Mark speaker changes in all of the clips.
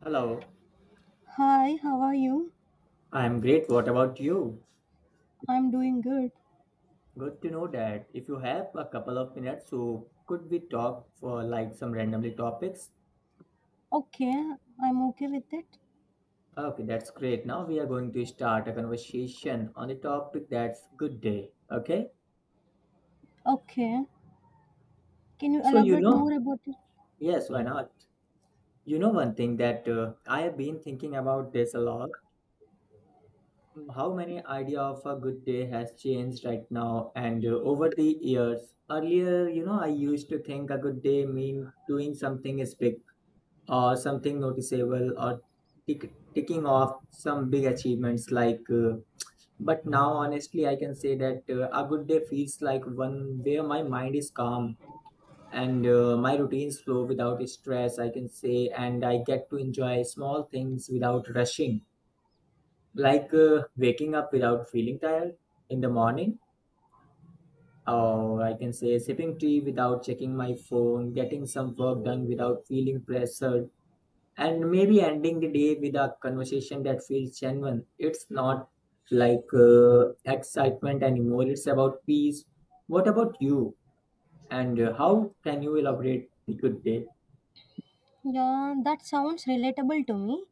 Speaker 1: Hello,
Speaker 2: Hi, how are you?
Speaker 1: I'm great. What about you?
Speaker 2: I'm doing good.
Speaker 1: Good to know that. If you have a couple of minutes, so could we talk for like some randomly topics?
Speaker 2: Okay, I'm okay with it.
Speaker 1: Okay, that's great. Now we are going to start a conversation on the topic that's good day. Okay?
Speaker 2: Okay, can you
Speaker 1: So,
Speaker 2: elaborate more about it?
Speaker 1: yes, why not? One thing that I have been thinking about this a lot. How many idea of a good day has changed right now, and over the years earlier, I used to think a good day mean doing something is big, or something noticeable, or ticking off some big achievements like but now honestly I can say that a good day feels like one where my mind is calm, and my routines flow without stress, I can say, and I get to enjoy small things without rushing, like waking up without feeling tired in the morning, or I can say sipping tea without checking my phone, getting some work done without feeling pressure, and maybe ending the day with a conversation that feels genuine. It's not like excitement anymore, it's about peace. What about you? And how can you elaborate the good day?
Speaker 2: Yeah, that sounds relatable to me.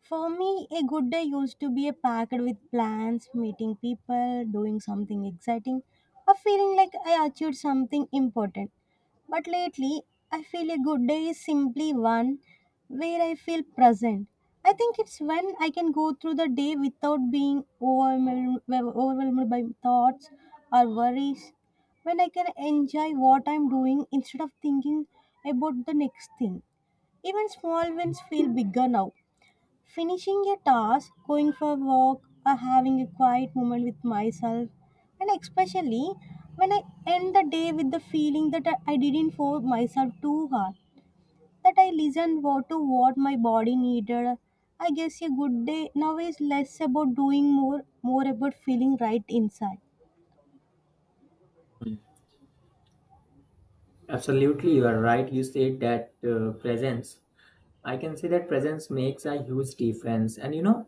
Speaker 2: For me, a good day used to be a packed with plans, meeting people, doing something exciting, or feeling like I achieved something important. But lately, I feel a good day is simply one where I feel present. I think it's when I can go through the day without being overwhelmed, by thoughts or worries, when I can enjoy what I'm doing instead of thinking about the next thing. Even small wins feel bigger now. Finishing a task, going for a walk, or having a quiet moment with myself, and especially when I end the day with the feeling that I didn't force myself too hard, that I listened to what my body needed. I guess a good day now is less about doing more, more about feeling right inside.
Speaker 1: Mm. Absolutely, you are right. You said that presence. I can say that presence makes a huge difference. And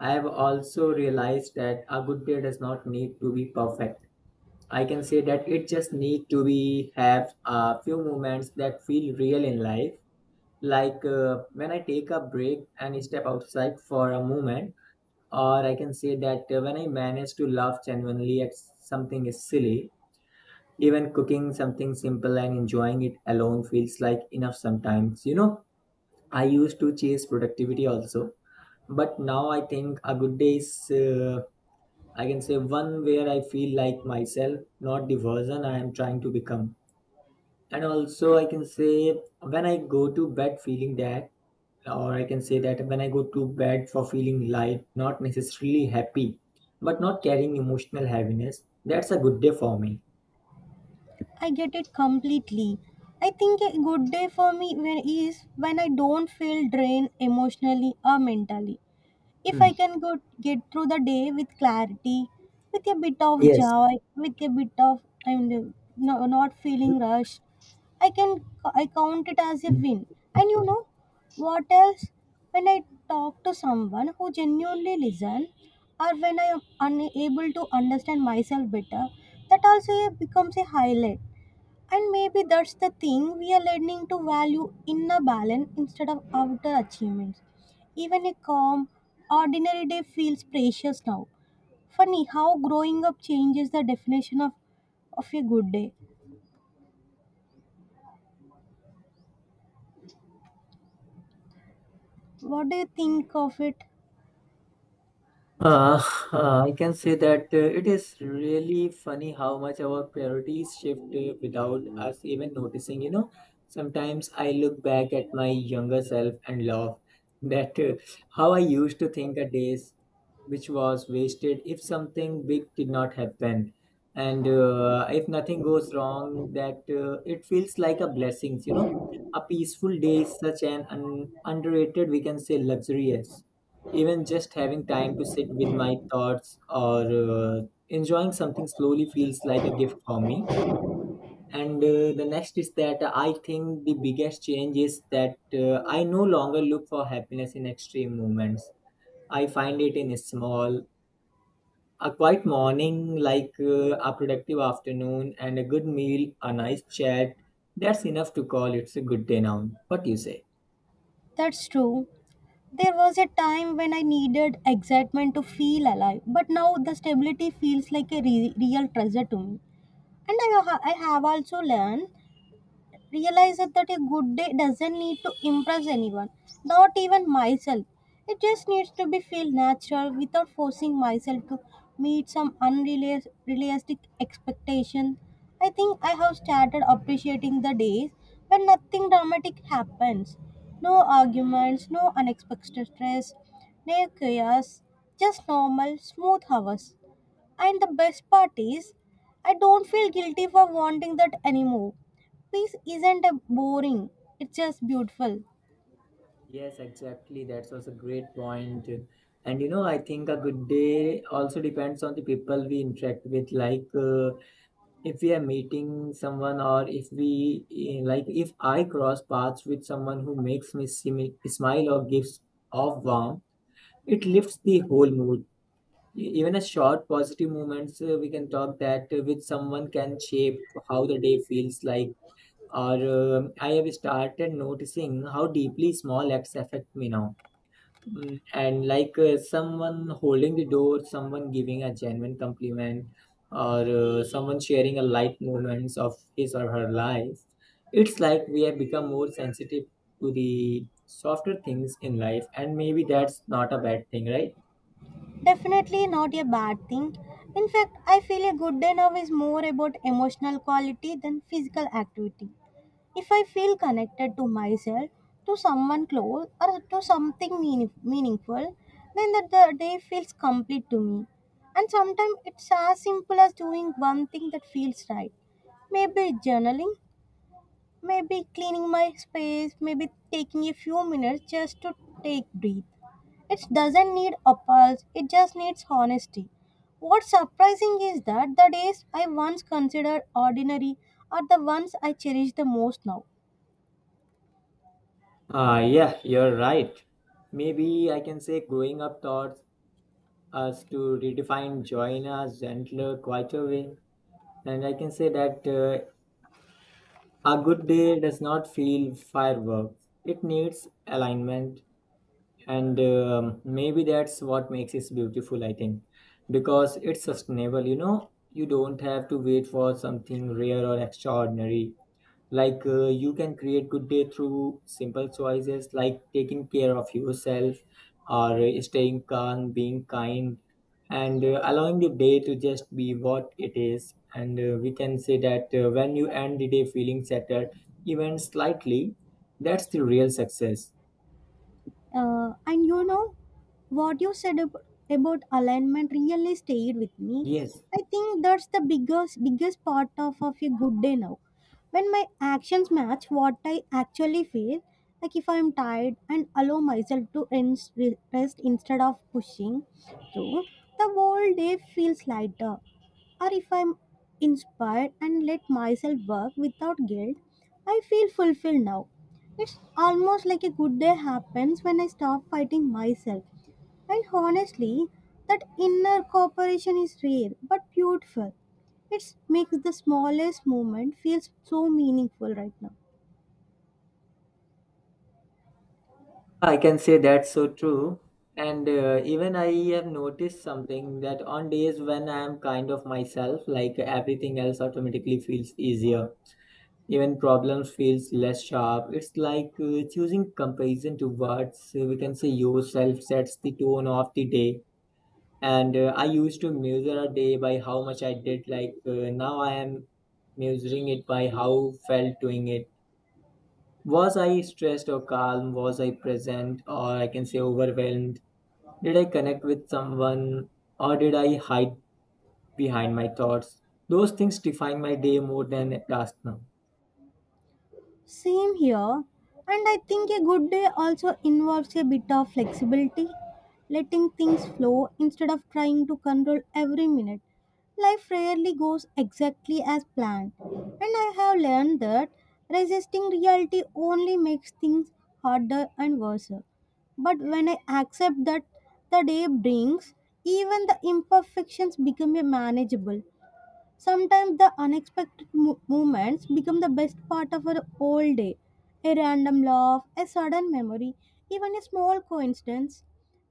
Speaker 1: I have also realized that a good day does not need to be perfect. I can say that it just need to be have a few moments that feel real in life, like when I take a break and step outside for a moment, or I can say that when I manage to laugh genuinely at something is silly. Even cooking something simple and enjoying it alone feels like enough sometimes. I used to chase productivity also, but now I think a good day is I can say one where I feel like myself, not the version I am trying to become. And also I can say when I go to bed feeling that, or I can say that when I go to bed for feeling light, not necessarily happy, but not carrying emotional heaviness, that's a good day for me.
Speaker 2: I get it completely. I think a good day for me when is when I don't feel drained emotionally or mentally. If
Speaker 1: Hmm.
Speaker 2: I can go get through the day with clarity, with a bit of
Speaker 1: Yes.
Speaker 2: joy, with a bit of I'm no, not feeling rushed, I count it as a
Speaker 1: Mhm.
Speaker 2: win. And you know what else? When I talk to someone who genuinely listen, or when I am unable to understand myself better, that also becomes a highlight. And maybe that's the thing we are learning to value inner balance instead of outer achievements. Even a calm, ordinary day feels precious now. Funny how growing up changes the definition of a good day. What do you think of it?
Speaker 1: Uh, I can say that it is really funny how much our priorities shift without us even noticing. Sometimes I look back at my younger self and laugh that how I used to think a days which was wasted if something big did not happen, and if nothing goes wrong, that it feels like a blessing. A peaceful day is such an underrated, we can say, luxurious. Even just having time to sit with my thoughts, or uh, enjoying something slowly feels like a gift for me. And the next is that I think the biggest change is that I no longer look for happiness in extreme moments. I find it in small, a quiet morning, like a productive afternoon, and a good meal, a nice chat. That's enough to call it's a good day now. What do you say?
Speaker 2: That's true. There was a time when I needed excitement to feel alive, but now the stability feels like a real treasure to me. And I have also learned realized that a good day doesn't need to impress anyone, not even myself. It just needs to be feel natural without forcing myself to meet some unrealistic expectation. I think I have started appreciating the days when nothing dramatic happens. No arguments, no unexpected stress, no chaos, just normal, smooth hours. And the best part is, I don't feel guilty for wanting that anymore. Peace isn't a boring, it's just beautiful.
Speaker 1: Yes, exactly. That's also a great point. And I think a good day also depends on the people we interact with. Like, if we are meeting someone, or if we like, if I cross paths with someone who makes me smile or gives off warmth, it lifts the whole mood. Even a short positive moments, we can talk that with someone can shape how the day feels like. Or I have started noticing how deeply small acts affect me now. And like someone holding the door, someone giving a genuine compliment, or someone sharing a light moments of his or her life. It's like we have become more sensitive to the softer things in life, and maybe that's not a bad thing, right?
Speaker 2: Definitely not a bad thing. In fact, I feel a good day now is more about emotional quality than physical activity. If I feel connected to myself, to someone close, or to something meaningful, then the day feels complete to me. And sometimes it's as simple as doing one thing that feels right. Maybe journaling, maybe cleaning my space, maybe taking a few minutes just to take breathe. It doesn't need appals, it just needs honesty. What's surprising is that the days I once considered ordinary are the ones I cherish the most now.
Speaker 1: Yeah, you're right. Maybe I can say growing up taught us to redefine joy in a gentler, quieter way. And I can say that a good day does not feel fireworks, it needs alignment. And maybe that's what makes it beautiful, I think, because it's sustainable. You don't have to wait for something rare or extraordinary. Like you can create good day through simple choices, like taking care of yourself, or staying calm, being kind, and allowing the day to just be what it is. And we can say that when you end the day feeling settled, even slightly, that's the real success.
Speaker 2: And you know what you said about alignment really stayed with me.
Speaker 1: Yes,
Speaker 2: I think that's the biggest part of a good day now. When my actions match what I actually feel, like if I'm tired and allow myself to rest instead of pushing through, the whole day feels lighter. Or if I'm inspired and let myself work without guilt, I feel fulfilled now. It's almost like a good day happens when I stop fighting myself. And honestly, that inner cooperation is rare but beautiful. It makes the smallest moment feel so meaningful right now.
Speaker 1: I can say that's so true. And even I have noticed something that on days when I am kind of myself, like everything else automatically feels easier. Even problems feels less sharp. It's like choosing comparison to words. We can say yourself sets the tone of the day. And I used to measure a day by how much I did. Like now I am measuring it by how felt doing it. Was I stressed or calm? Was I present, or I can say overwhelmed? Did I connect with someone, or did I hide behind my thoughts? Those things define my day more than a task now.
Speaker 2: Same here. And I think a good day also involves a bit of flexibility, letting things flow instead of trying to control every minute. Life rarely goes exactly as planned. And I have learned that resisting reality only makes things harder and worse. But when I accept that the day brings, even the imperfections become a manageable. Sometimes the unexpected moments become the best part of our whole day. A random laugh, a sudden memory, even a small coincidence.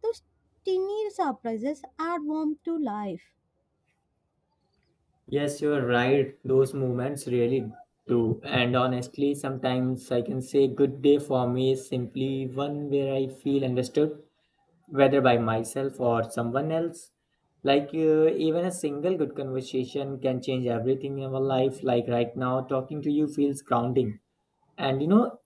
Speaker 2: Those tiny surprises add warmth to life.
Speaker 1: Yes, you're right. Those moments really do. And honestly, sometimes I can say good day for me is simply one where I feel understood, whether by myself or someone else. Like, even a single good conversation can change everything in our life. Like, right now, talking to you feels grounding. And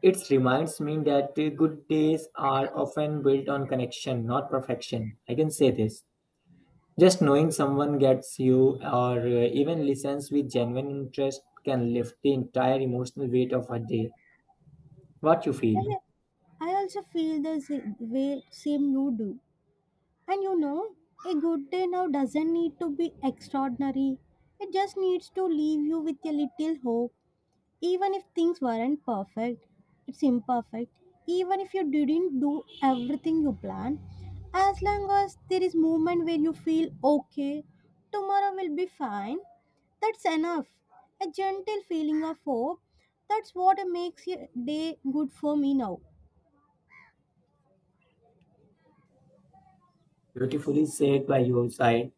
Speaker 1: it reminds me that good days are often built on connection, not perfection. I can say this. Just knowing someone gets you, or even listens with genuine interest can lift the entire emotional weight of a day. What you feel,
Speaker 2: I I also feel the way same you do. And you know, a good day now doesn't need to be extraordinary. It just needs to leave you with a little hope. Even if things weren't perfect, it's imperfect. Even if you didn't do everything you planned, as long as there is movement where you feel okay, tomorrow will be fine, that's enough. A gentle feeling of hope, that's what makes your day good for me now.
Speaker 1: beautifully said by your side.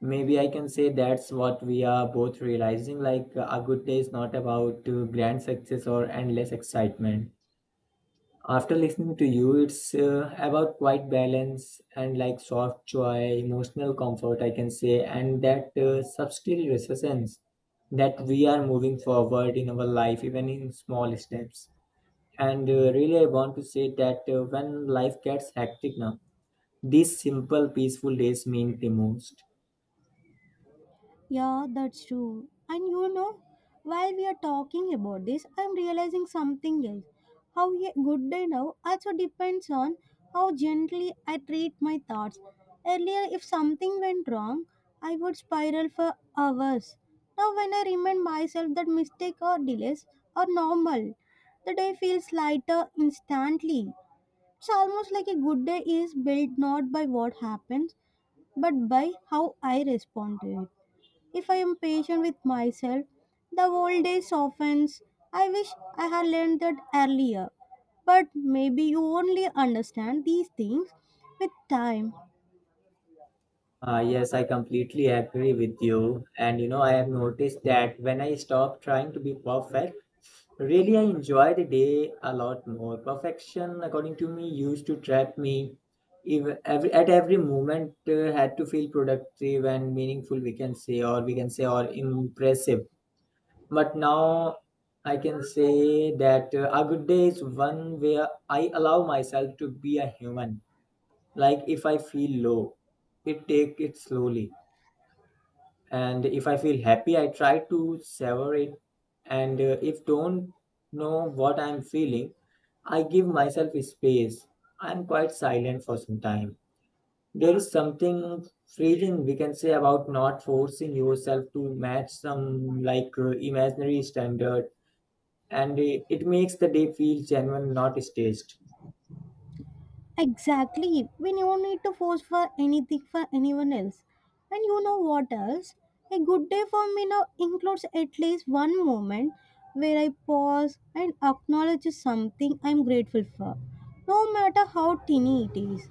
Speaker 1: Maybe I can say that's what we are both realizing, like a good day is not about grand success or endless excitement. After listening to you, it's about quite balance, and like soft joy emotional comfort, I can say, and that subtle resistance that we are moving forward in our life even in small steps. And really I want to say that when life gets hectic now, these simple peaceful days mean the most.
Speaker 2: Yeah, that's true. And you know, while we are talking about this, I'm realizing something else. How a good day now also depends on how gently I treat my thoughts. Earlier, if something went wrong, I would spiral for hours. Now, when I remind myself that mistake or delays are normal, the day feels lighter instantly. It's almost like a good day is built not by what happens, but by how I respond to it. If I am patient with myself, the whole day softens. I wish I had learned that earlier. But maybe you only understand these things with time.
Speaker 1: Yes, I completely agree with you, and I have noticed that when I stop trying to be perfect. Really, I enjoy the day a lot more. Perfection, according to me, used to trap me. If at every moment, had to feel productive and meaningful, we can say, or or impressive. But now I can say that a good day is one where I allow myself to be a human. Like if I feel low, it take it slowly, and if I feel happy I try to savor it, and if don't know what I'm feeling, I give myself space, I'm quite silent for some time. There is something freeing, we can say, about not forcing yourself to match some like imaginary standard. And it makes the day feel genuine, not staged.
Speaker 2: Exactly, when you need to force for anything for anyone else. And you know what else? A good day for me now includes at least one moment where I pause and acknowledge something I'm grateful for, no matter how tiny it is.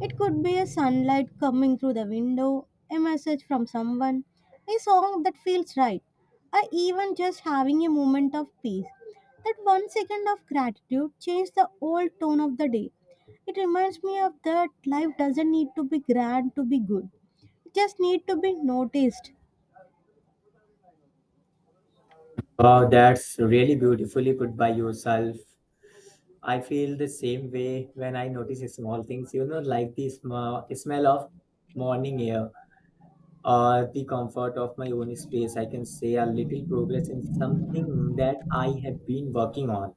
Speaker 2: It could be a sunlight coming through the window, a message from someone, a song that feels right, or even just having a moment of peace. That 1 second of gratitude changed the whole tone of the day. It reminds me of that life doesn't need to be grand to be good. It just need to be noticed.
Speaker 1: Wow, that's really beautifully put by yourself. I feel the same way when I notice small things, like the smell of morning air, or the comfort of my own space. I can say a little progress in something that I have been working on.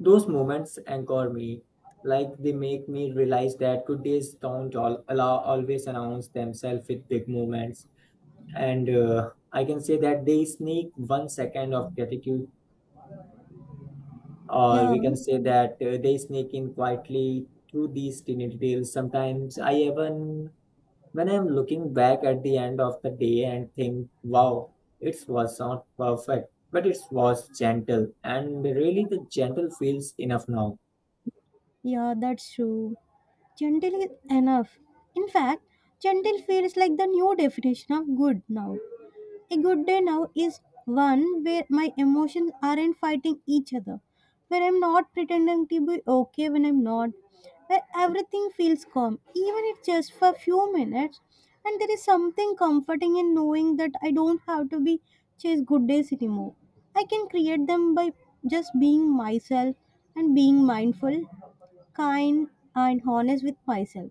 Speaker 1: Those moments anchor me, like they make me realize that good days don't always announce themselves with big moments. And I can say that they sneak one second of gratitude, or
Speaker 2: Yeah,
Speaker 1: we can say that they sneak in quietly through these teeny details. Sometimes I even, when I'm looking back at the end of the day and think, wow, it was not perfect, but it was gentle. And really, the gentle feels enough now.
Speaker 2: yeah, that's true. Gentle is enough. In fact, gentle feels like the new definition of good now. A good day now is one where my emotions aren't fighting each other, where I'm not pretending to be okay when I'm not, where everything feels calm, even if just for a few minutes. And there is something comforting in knowing that I don't have to be chase good days anymore. I can create them by just being myself and being mindful, kind, and honest with myself.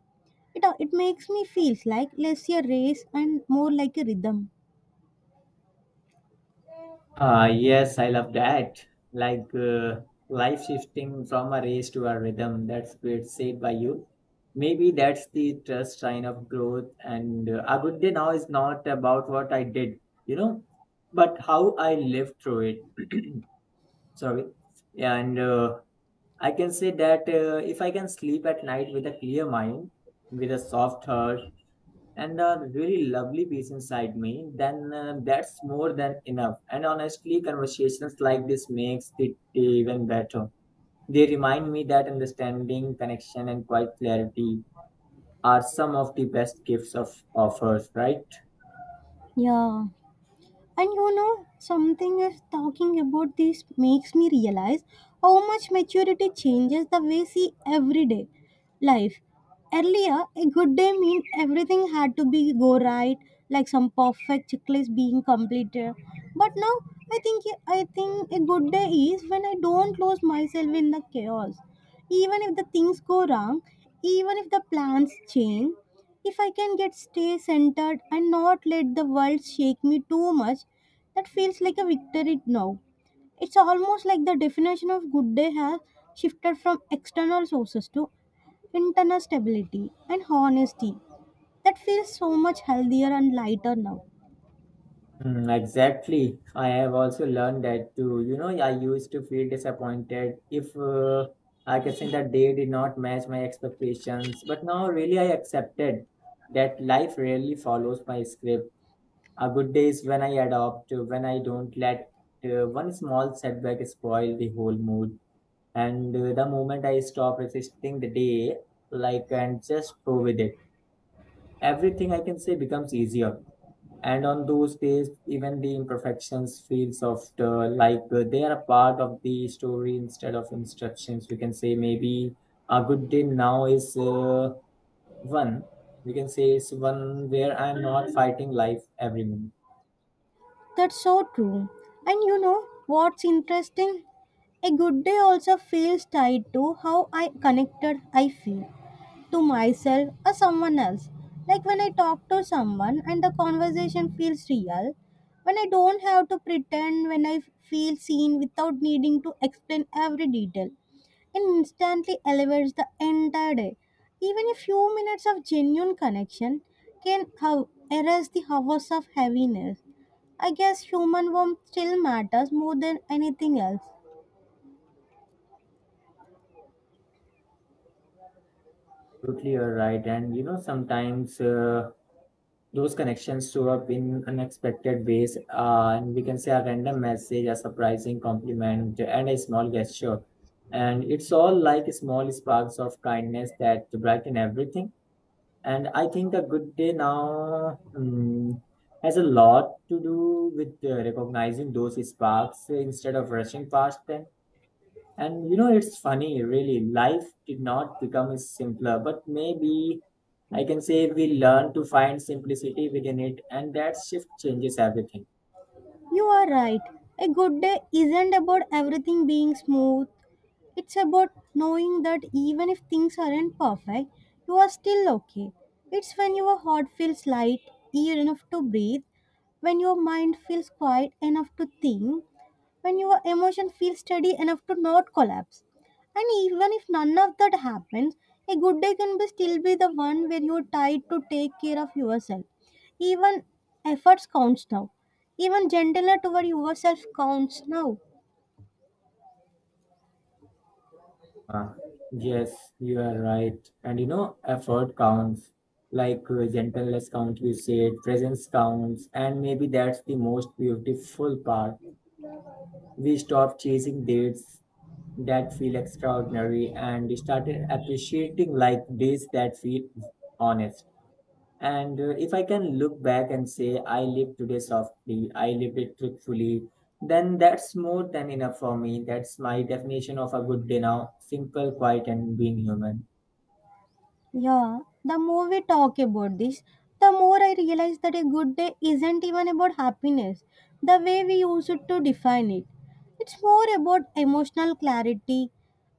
Speaker 2: It makes me feel like less a race and more like a rhythm.
Speaker 1: Yes, I love that. Like life shifting from a race to a rhythm. That's great said by you. Maybe that's the trust sign of growth. And a good day now is not about what I did, you know, but how I lived through it. Sorry. And I can say that if I can sleep at night with a clear mind, with a soft heart, and a really lovely piece inside me, then that's more than enough. And honestly, conversations like this makes it even better. They remind me that understanding, connection, and quiet clarity are some of the best gifts of offers, right?
Speaker 2: Yeah. And you know, something is talking about this makes me realize how much maturity changes the way we see everyday life. Earlier, a good day meant everything had to be go right, like some perfect checklist being completed. But now, I think a good day is when I don't lose myself in the chaos. Even if the things go wrong, even if the plans change, if I can get stay centered and not let the world shake me too much, that feels like a victory now. It's almost like the definition of good day has shifted from external sources to internal stability and honesty. That feels so much healthier and lighter now.
Speaker 1: Mm, exactly. I have also learned that too. I used to feel disappointed if I can say that they did not match my expectations. But now, really, I accepted that life rarely follows my script. A good day is when I adopt, when I don't let one small setback spoil the whole mood. And the moment I stop resisting the day, like, and just go with it, everything I can say becomes easier. And on those days, even the imperfections feel softer, like they are a part of the story instead of instructions. We can say maybe a good day now is one. We can say it's one where I'm not fighting life every minute.
Speaker 2: That's so true. And you know what's interesting? A good day also feels tied to how I connected I feel to myself or someone else. Like when I talk to someone and the conversation feels real, when I don't have to pretend, when I feel seen without needing to explain every detail, it instantly elevates the entire day. Even a few minutes of genuine connection can how erase the hours of heaviness. I guess human warmth still matters more than anything else.
Speaker 1: Absolutely, you're right. And you know, sometimes those connections show up in unexpected ways. And we can say a random message, a surprising compliment, and a small gesture. And it's all like small sparks of kindness that brighten everything. And I think a good day now has a lot to do with recognizing those sparks instead of rushing past them. And you know, it's funny, really. Life did not become simpler, but maybe I can say we learn to find simplicity within it, and that shift changes everything.
Speaker 2: You are right. A good day isn't about everything being smooth. It's about knowing that even if things aren't perfect, you are still okay. It's when your heart feels light enough to breathe, when your mind feels quiet enough to think, when your emotion feels steady enough to not collapse. And even if none of that happens, a good day can be still be the one where you're tired to take care of yourself. Even efforts counts now. Even gentler toward yourself counts now.
Speaker 1: Ah, yes, you are right. And you know, effort counts, like gentleness counts, you said, presence counts, and maybe that's the most beautiful part. We stopped chasing dates that feel extraordinary and started appreciating like days that feel honest. And if I can look back and say, I lived today softly, I lived it truthfully, then that's more than enough for me. That's my definition of a good day now: simple, quiet, and being human.
Speaker 2: Yeah, the more we talk about this, the more I realize that a good day isn't even about happiness, the way we use it to define it. It's more about emotional clarity,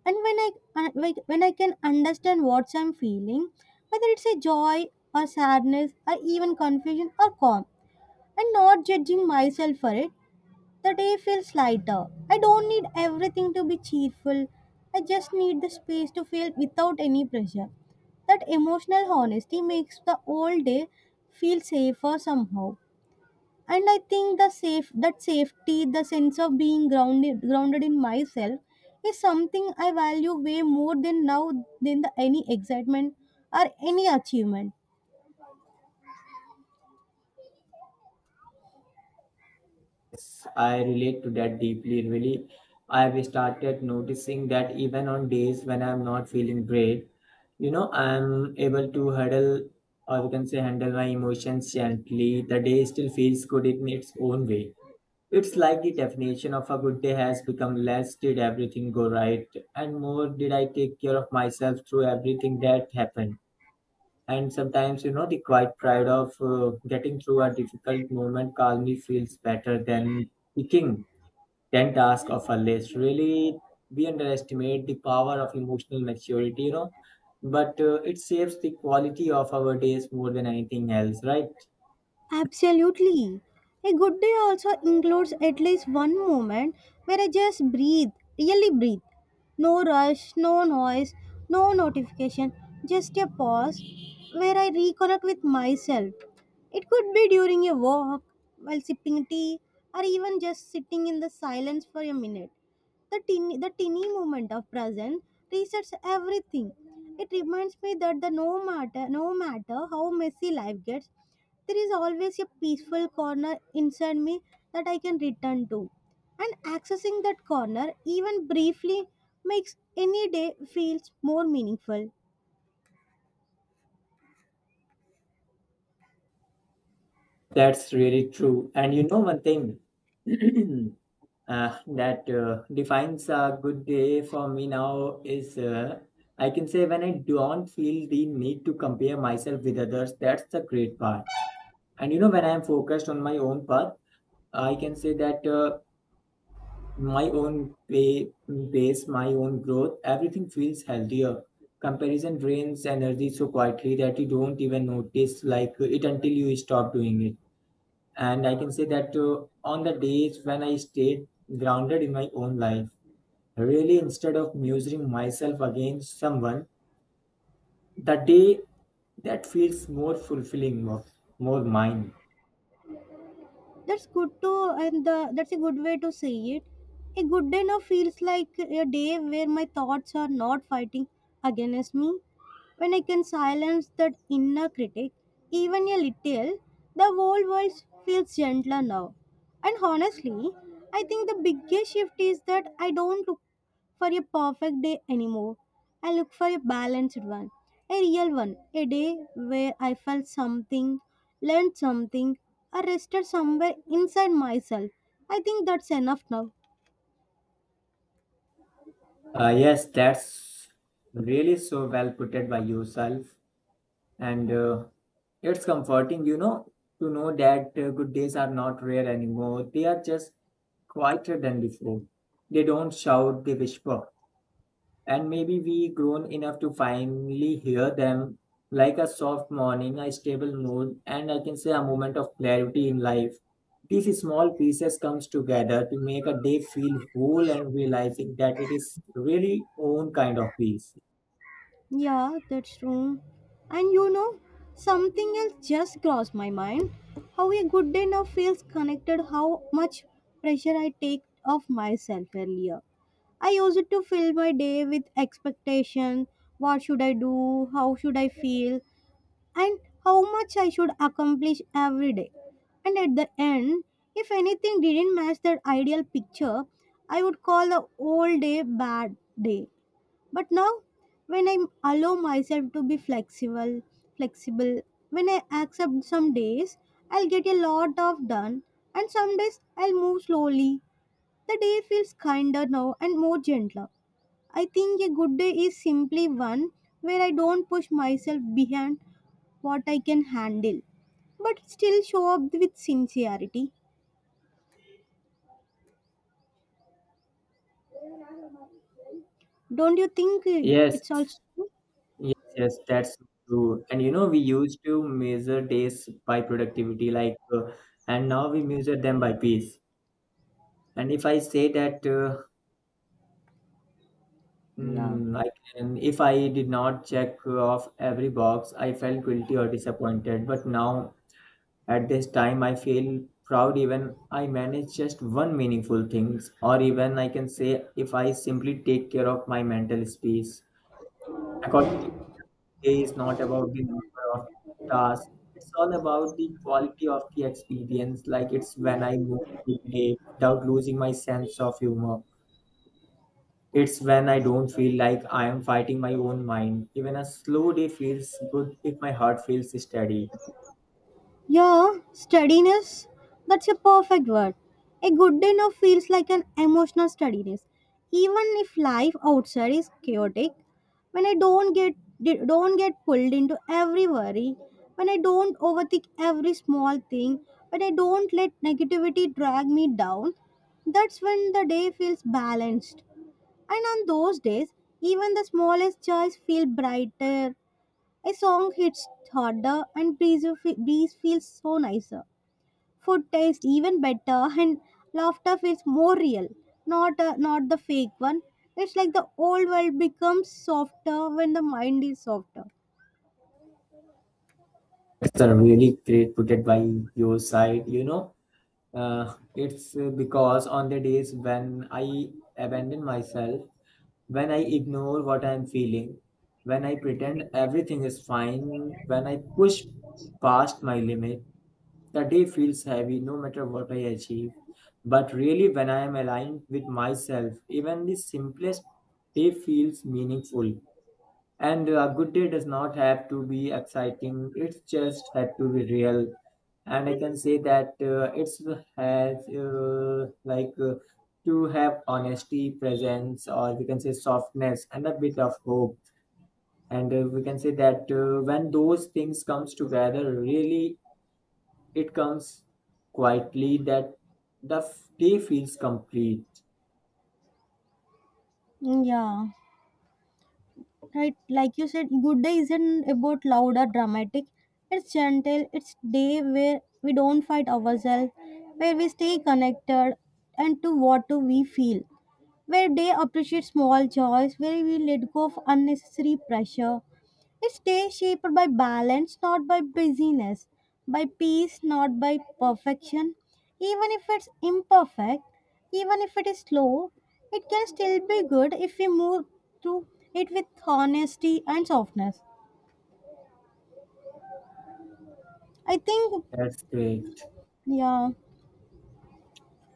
Speaker 2: and when I like, when I can understand what I'm feeling, whether it's a joy or sadness or even confusion or calm, and not judging myself for it, the day feels lighter. I don't need everything to be cheerful. I just need the space to feel without any pressure. That emotional honesty makes the whole day feel safer somehow. And I think the safety, the sense of being grounded in myself is something I value way more than now than any excitement or any achievement.
Speaker 1: Yes, I relate to that deeply. Really, I've started noticing that even on days when I'm not feeling great, you know, I'm able to huddle or you can say handle my emotions gently. The day still feels good in its own way. It's like the definition of a good day has become less did everything go right and more did I take care of myself through everything that happened. And sometimes, you know, the quiet pride of getting through a difficult moment calmly feels better than picking 10 tasks off a list. Really, we underestimate the power of emotional maturity, you know, but it saves the quality of our days more than anything else, right?
Speaker 2: Absolutely. A good day also includes at least one moment where I just breathe, really breathe. No rush, no noise, no notification, just a pause where I reconnect with myself. It could be during a walk, while sipping tea, or even just sitting in the silence for a minute. The teeny moment of presence resets everything. It reminds me that the no matter no matter how messy life gets, there is always a peaceful corner inside me that I can return to. And accessing that corner, even briefly, makes any day feels more meaningful.
Speaker 1: That's really true. And you know, one thing. That Defines a good day for me now is I can say when I don't feel the need to compare myself with others, that's the great part. And you know, when I'm focused on my own path, I can say that my own pay, pace, my own growth, everything feels healthier. Comparison drains energy so quietly that you don't even notice like it until you stop doing it. And I can say that on the days when I stayed grounded in my own life. Really, instead of measuring myself against someone, the day that feels more fulfilling, more, more mine.
Speaker 2: That's good to. And that's a good way to say it. A good day now feels like a day where my thoughts are not fighting against me. When I can silence that inner critic, even a little, the whole world feels gentler now. And honestly, I think the biggest shift is that I don't look for a perfect day anymore. I look for a balanced one, a real one, a day where I felt something, learned something, or rested somewhere inside myself. I think that's enough now.
Speaker 1: Yes, that's really so well put it by yourself. And it's comforting, you know, to know that good days are not rare anymore. They are just quieter than before. They don't shout, they whisper. And maybe we grown enough to finally hear them, like a soft morning, a stable mood, and I can say a moment of clarity in life. These small pieces comes together to make a day feel whole, and realizing that it is really own kind of peace.
Speaker 2: Yeah, that's true. And you know, something else just crossed my mind. How a good day now feels connected how much pressure I take off myself earlier. I used to fill my day with expectation. What should I do? How should I feel? And how much I should accomplish every day. And at the end, if anything didn't match that ideal picture, I would call the whole day bad day. But now, when I allow myself to be flexible, when I accept some days, I'll get a lot of done, and some days I'll move slowly. The day feels kinder now and more gentler. I think a good day is simply one where I don't push myself behind what I can handle, but still show up with sincerity. Don't you think
Speaker 1: yes
Speaker 2: it's also
Speaker 1: yes yes That's true. And you know, we used to measure days by productivity, like and now we measure them by peace. And if I say that
Speaker 2: yeah.
Speaker 1: hmm, I can. If I did not check off every box, I felt guilty or disappointed. But now, at this time, I feel proud even I manage just one meaningful things, or even I can say if I simply take care of my mental space. According to me, it's not about the number of tasks. It's all about the quality of the experience. Like it's when I move through the day without losing my sense of humor. It's when I don't feel like I am fighting my own mind. Even a slow day feels good if my heart feels steady.
Speaker 2: Yeah, steadiness. That's a perfect word. A good day now feels like an emotional steadiness. Even if life outside is chaotic, when I don't get pulled into every worry, when I don't overthink every small thing, when I don't let negativity drag me down, that's when the day feels balanced. And on those days, even the smallest joys feel brighter. A song hits harder and breeze feels so nicer. Food tastes even better and laughter feels more real, not the fake one. It's like the old world becomes softer when the mind is softer.
Speaker 1: It's a really great put it by your side, you know. It's because on the days when I abandon myself, when I ignore what I'm feeling, when I pretend everything is fine, when I push past my limit, the day feels heavy no matter what I achieve. But really, when I am aligned with myself, even the simplest day feels meaningful. And a good day does not have to be exciting, it just had to be real. And I can say that it's has to have honesty, presence, or we can say softness and a bit of hope. And we can say that when those things comes together, really it comes quietly that the day feels complete.
Speaker 2: Yeah. Right, like you said, good day isn't about loud or dramatic, it's gentle. It's day where we don't fight ourselves, where we stay connected and to what do we feel, where they appreciate small joys, where we let go of unnecessary pressure. It's day shaped by balance, not by busyness, by peace, not by perfection. Even if it's imperfect, even if it is slow, it can still be good if we move through it with honesty and softness. I think,
Speaker 1: That's great.
Speaker 2: yeah,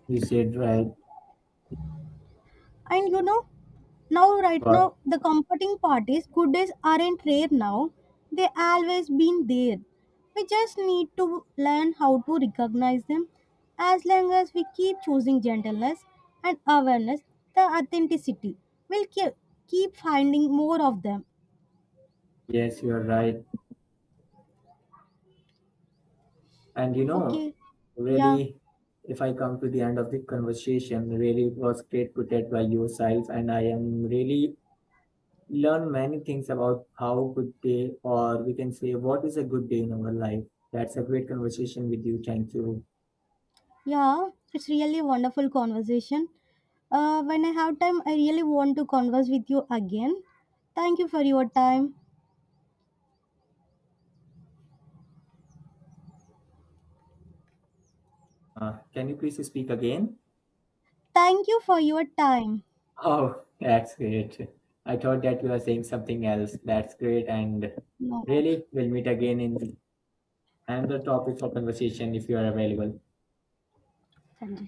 Speaker 1: You said right.
Speaker 2: and you know, now, right
Speaker 1: But
Speaker 2: now, the comforting part is good days aren't rare now. They always been there. We just need to learn how to recognize them. As long as we keep choosing gentleness and awareness, the authenticity will keep finding more of them.
Speaker 1: yes, you're right. And you know,
Speaker 2: Okay. Yeah.
Speaker 1: really, if I come to the end of the conversation, really it was great to get by yourself. And I am really learn many things about how good day or we can say what is a good day in our life. That's a great conversation with you. Thank you.
Speaker 2: Yeah, it's really a wonderful conversation. When I have time, I really want to converse with you again. Thank you for your time.
Speaker 1: Can you please speak again?
Speaker 2: Thank you for your time.
Speaker 1: Oh, that's great. I thought that you were saying something else. That's great. And
Speaker 2: No,
Speaker 1: really, we'll meet again in another topic for conversation if you are available.
Speaker 2: 感觉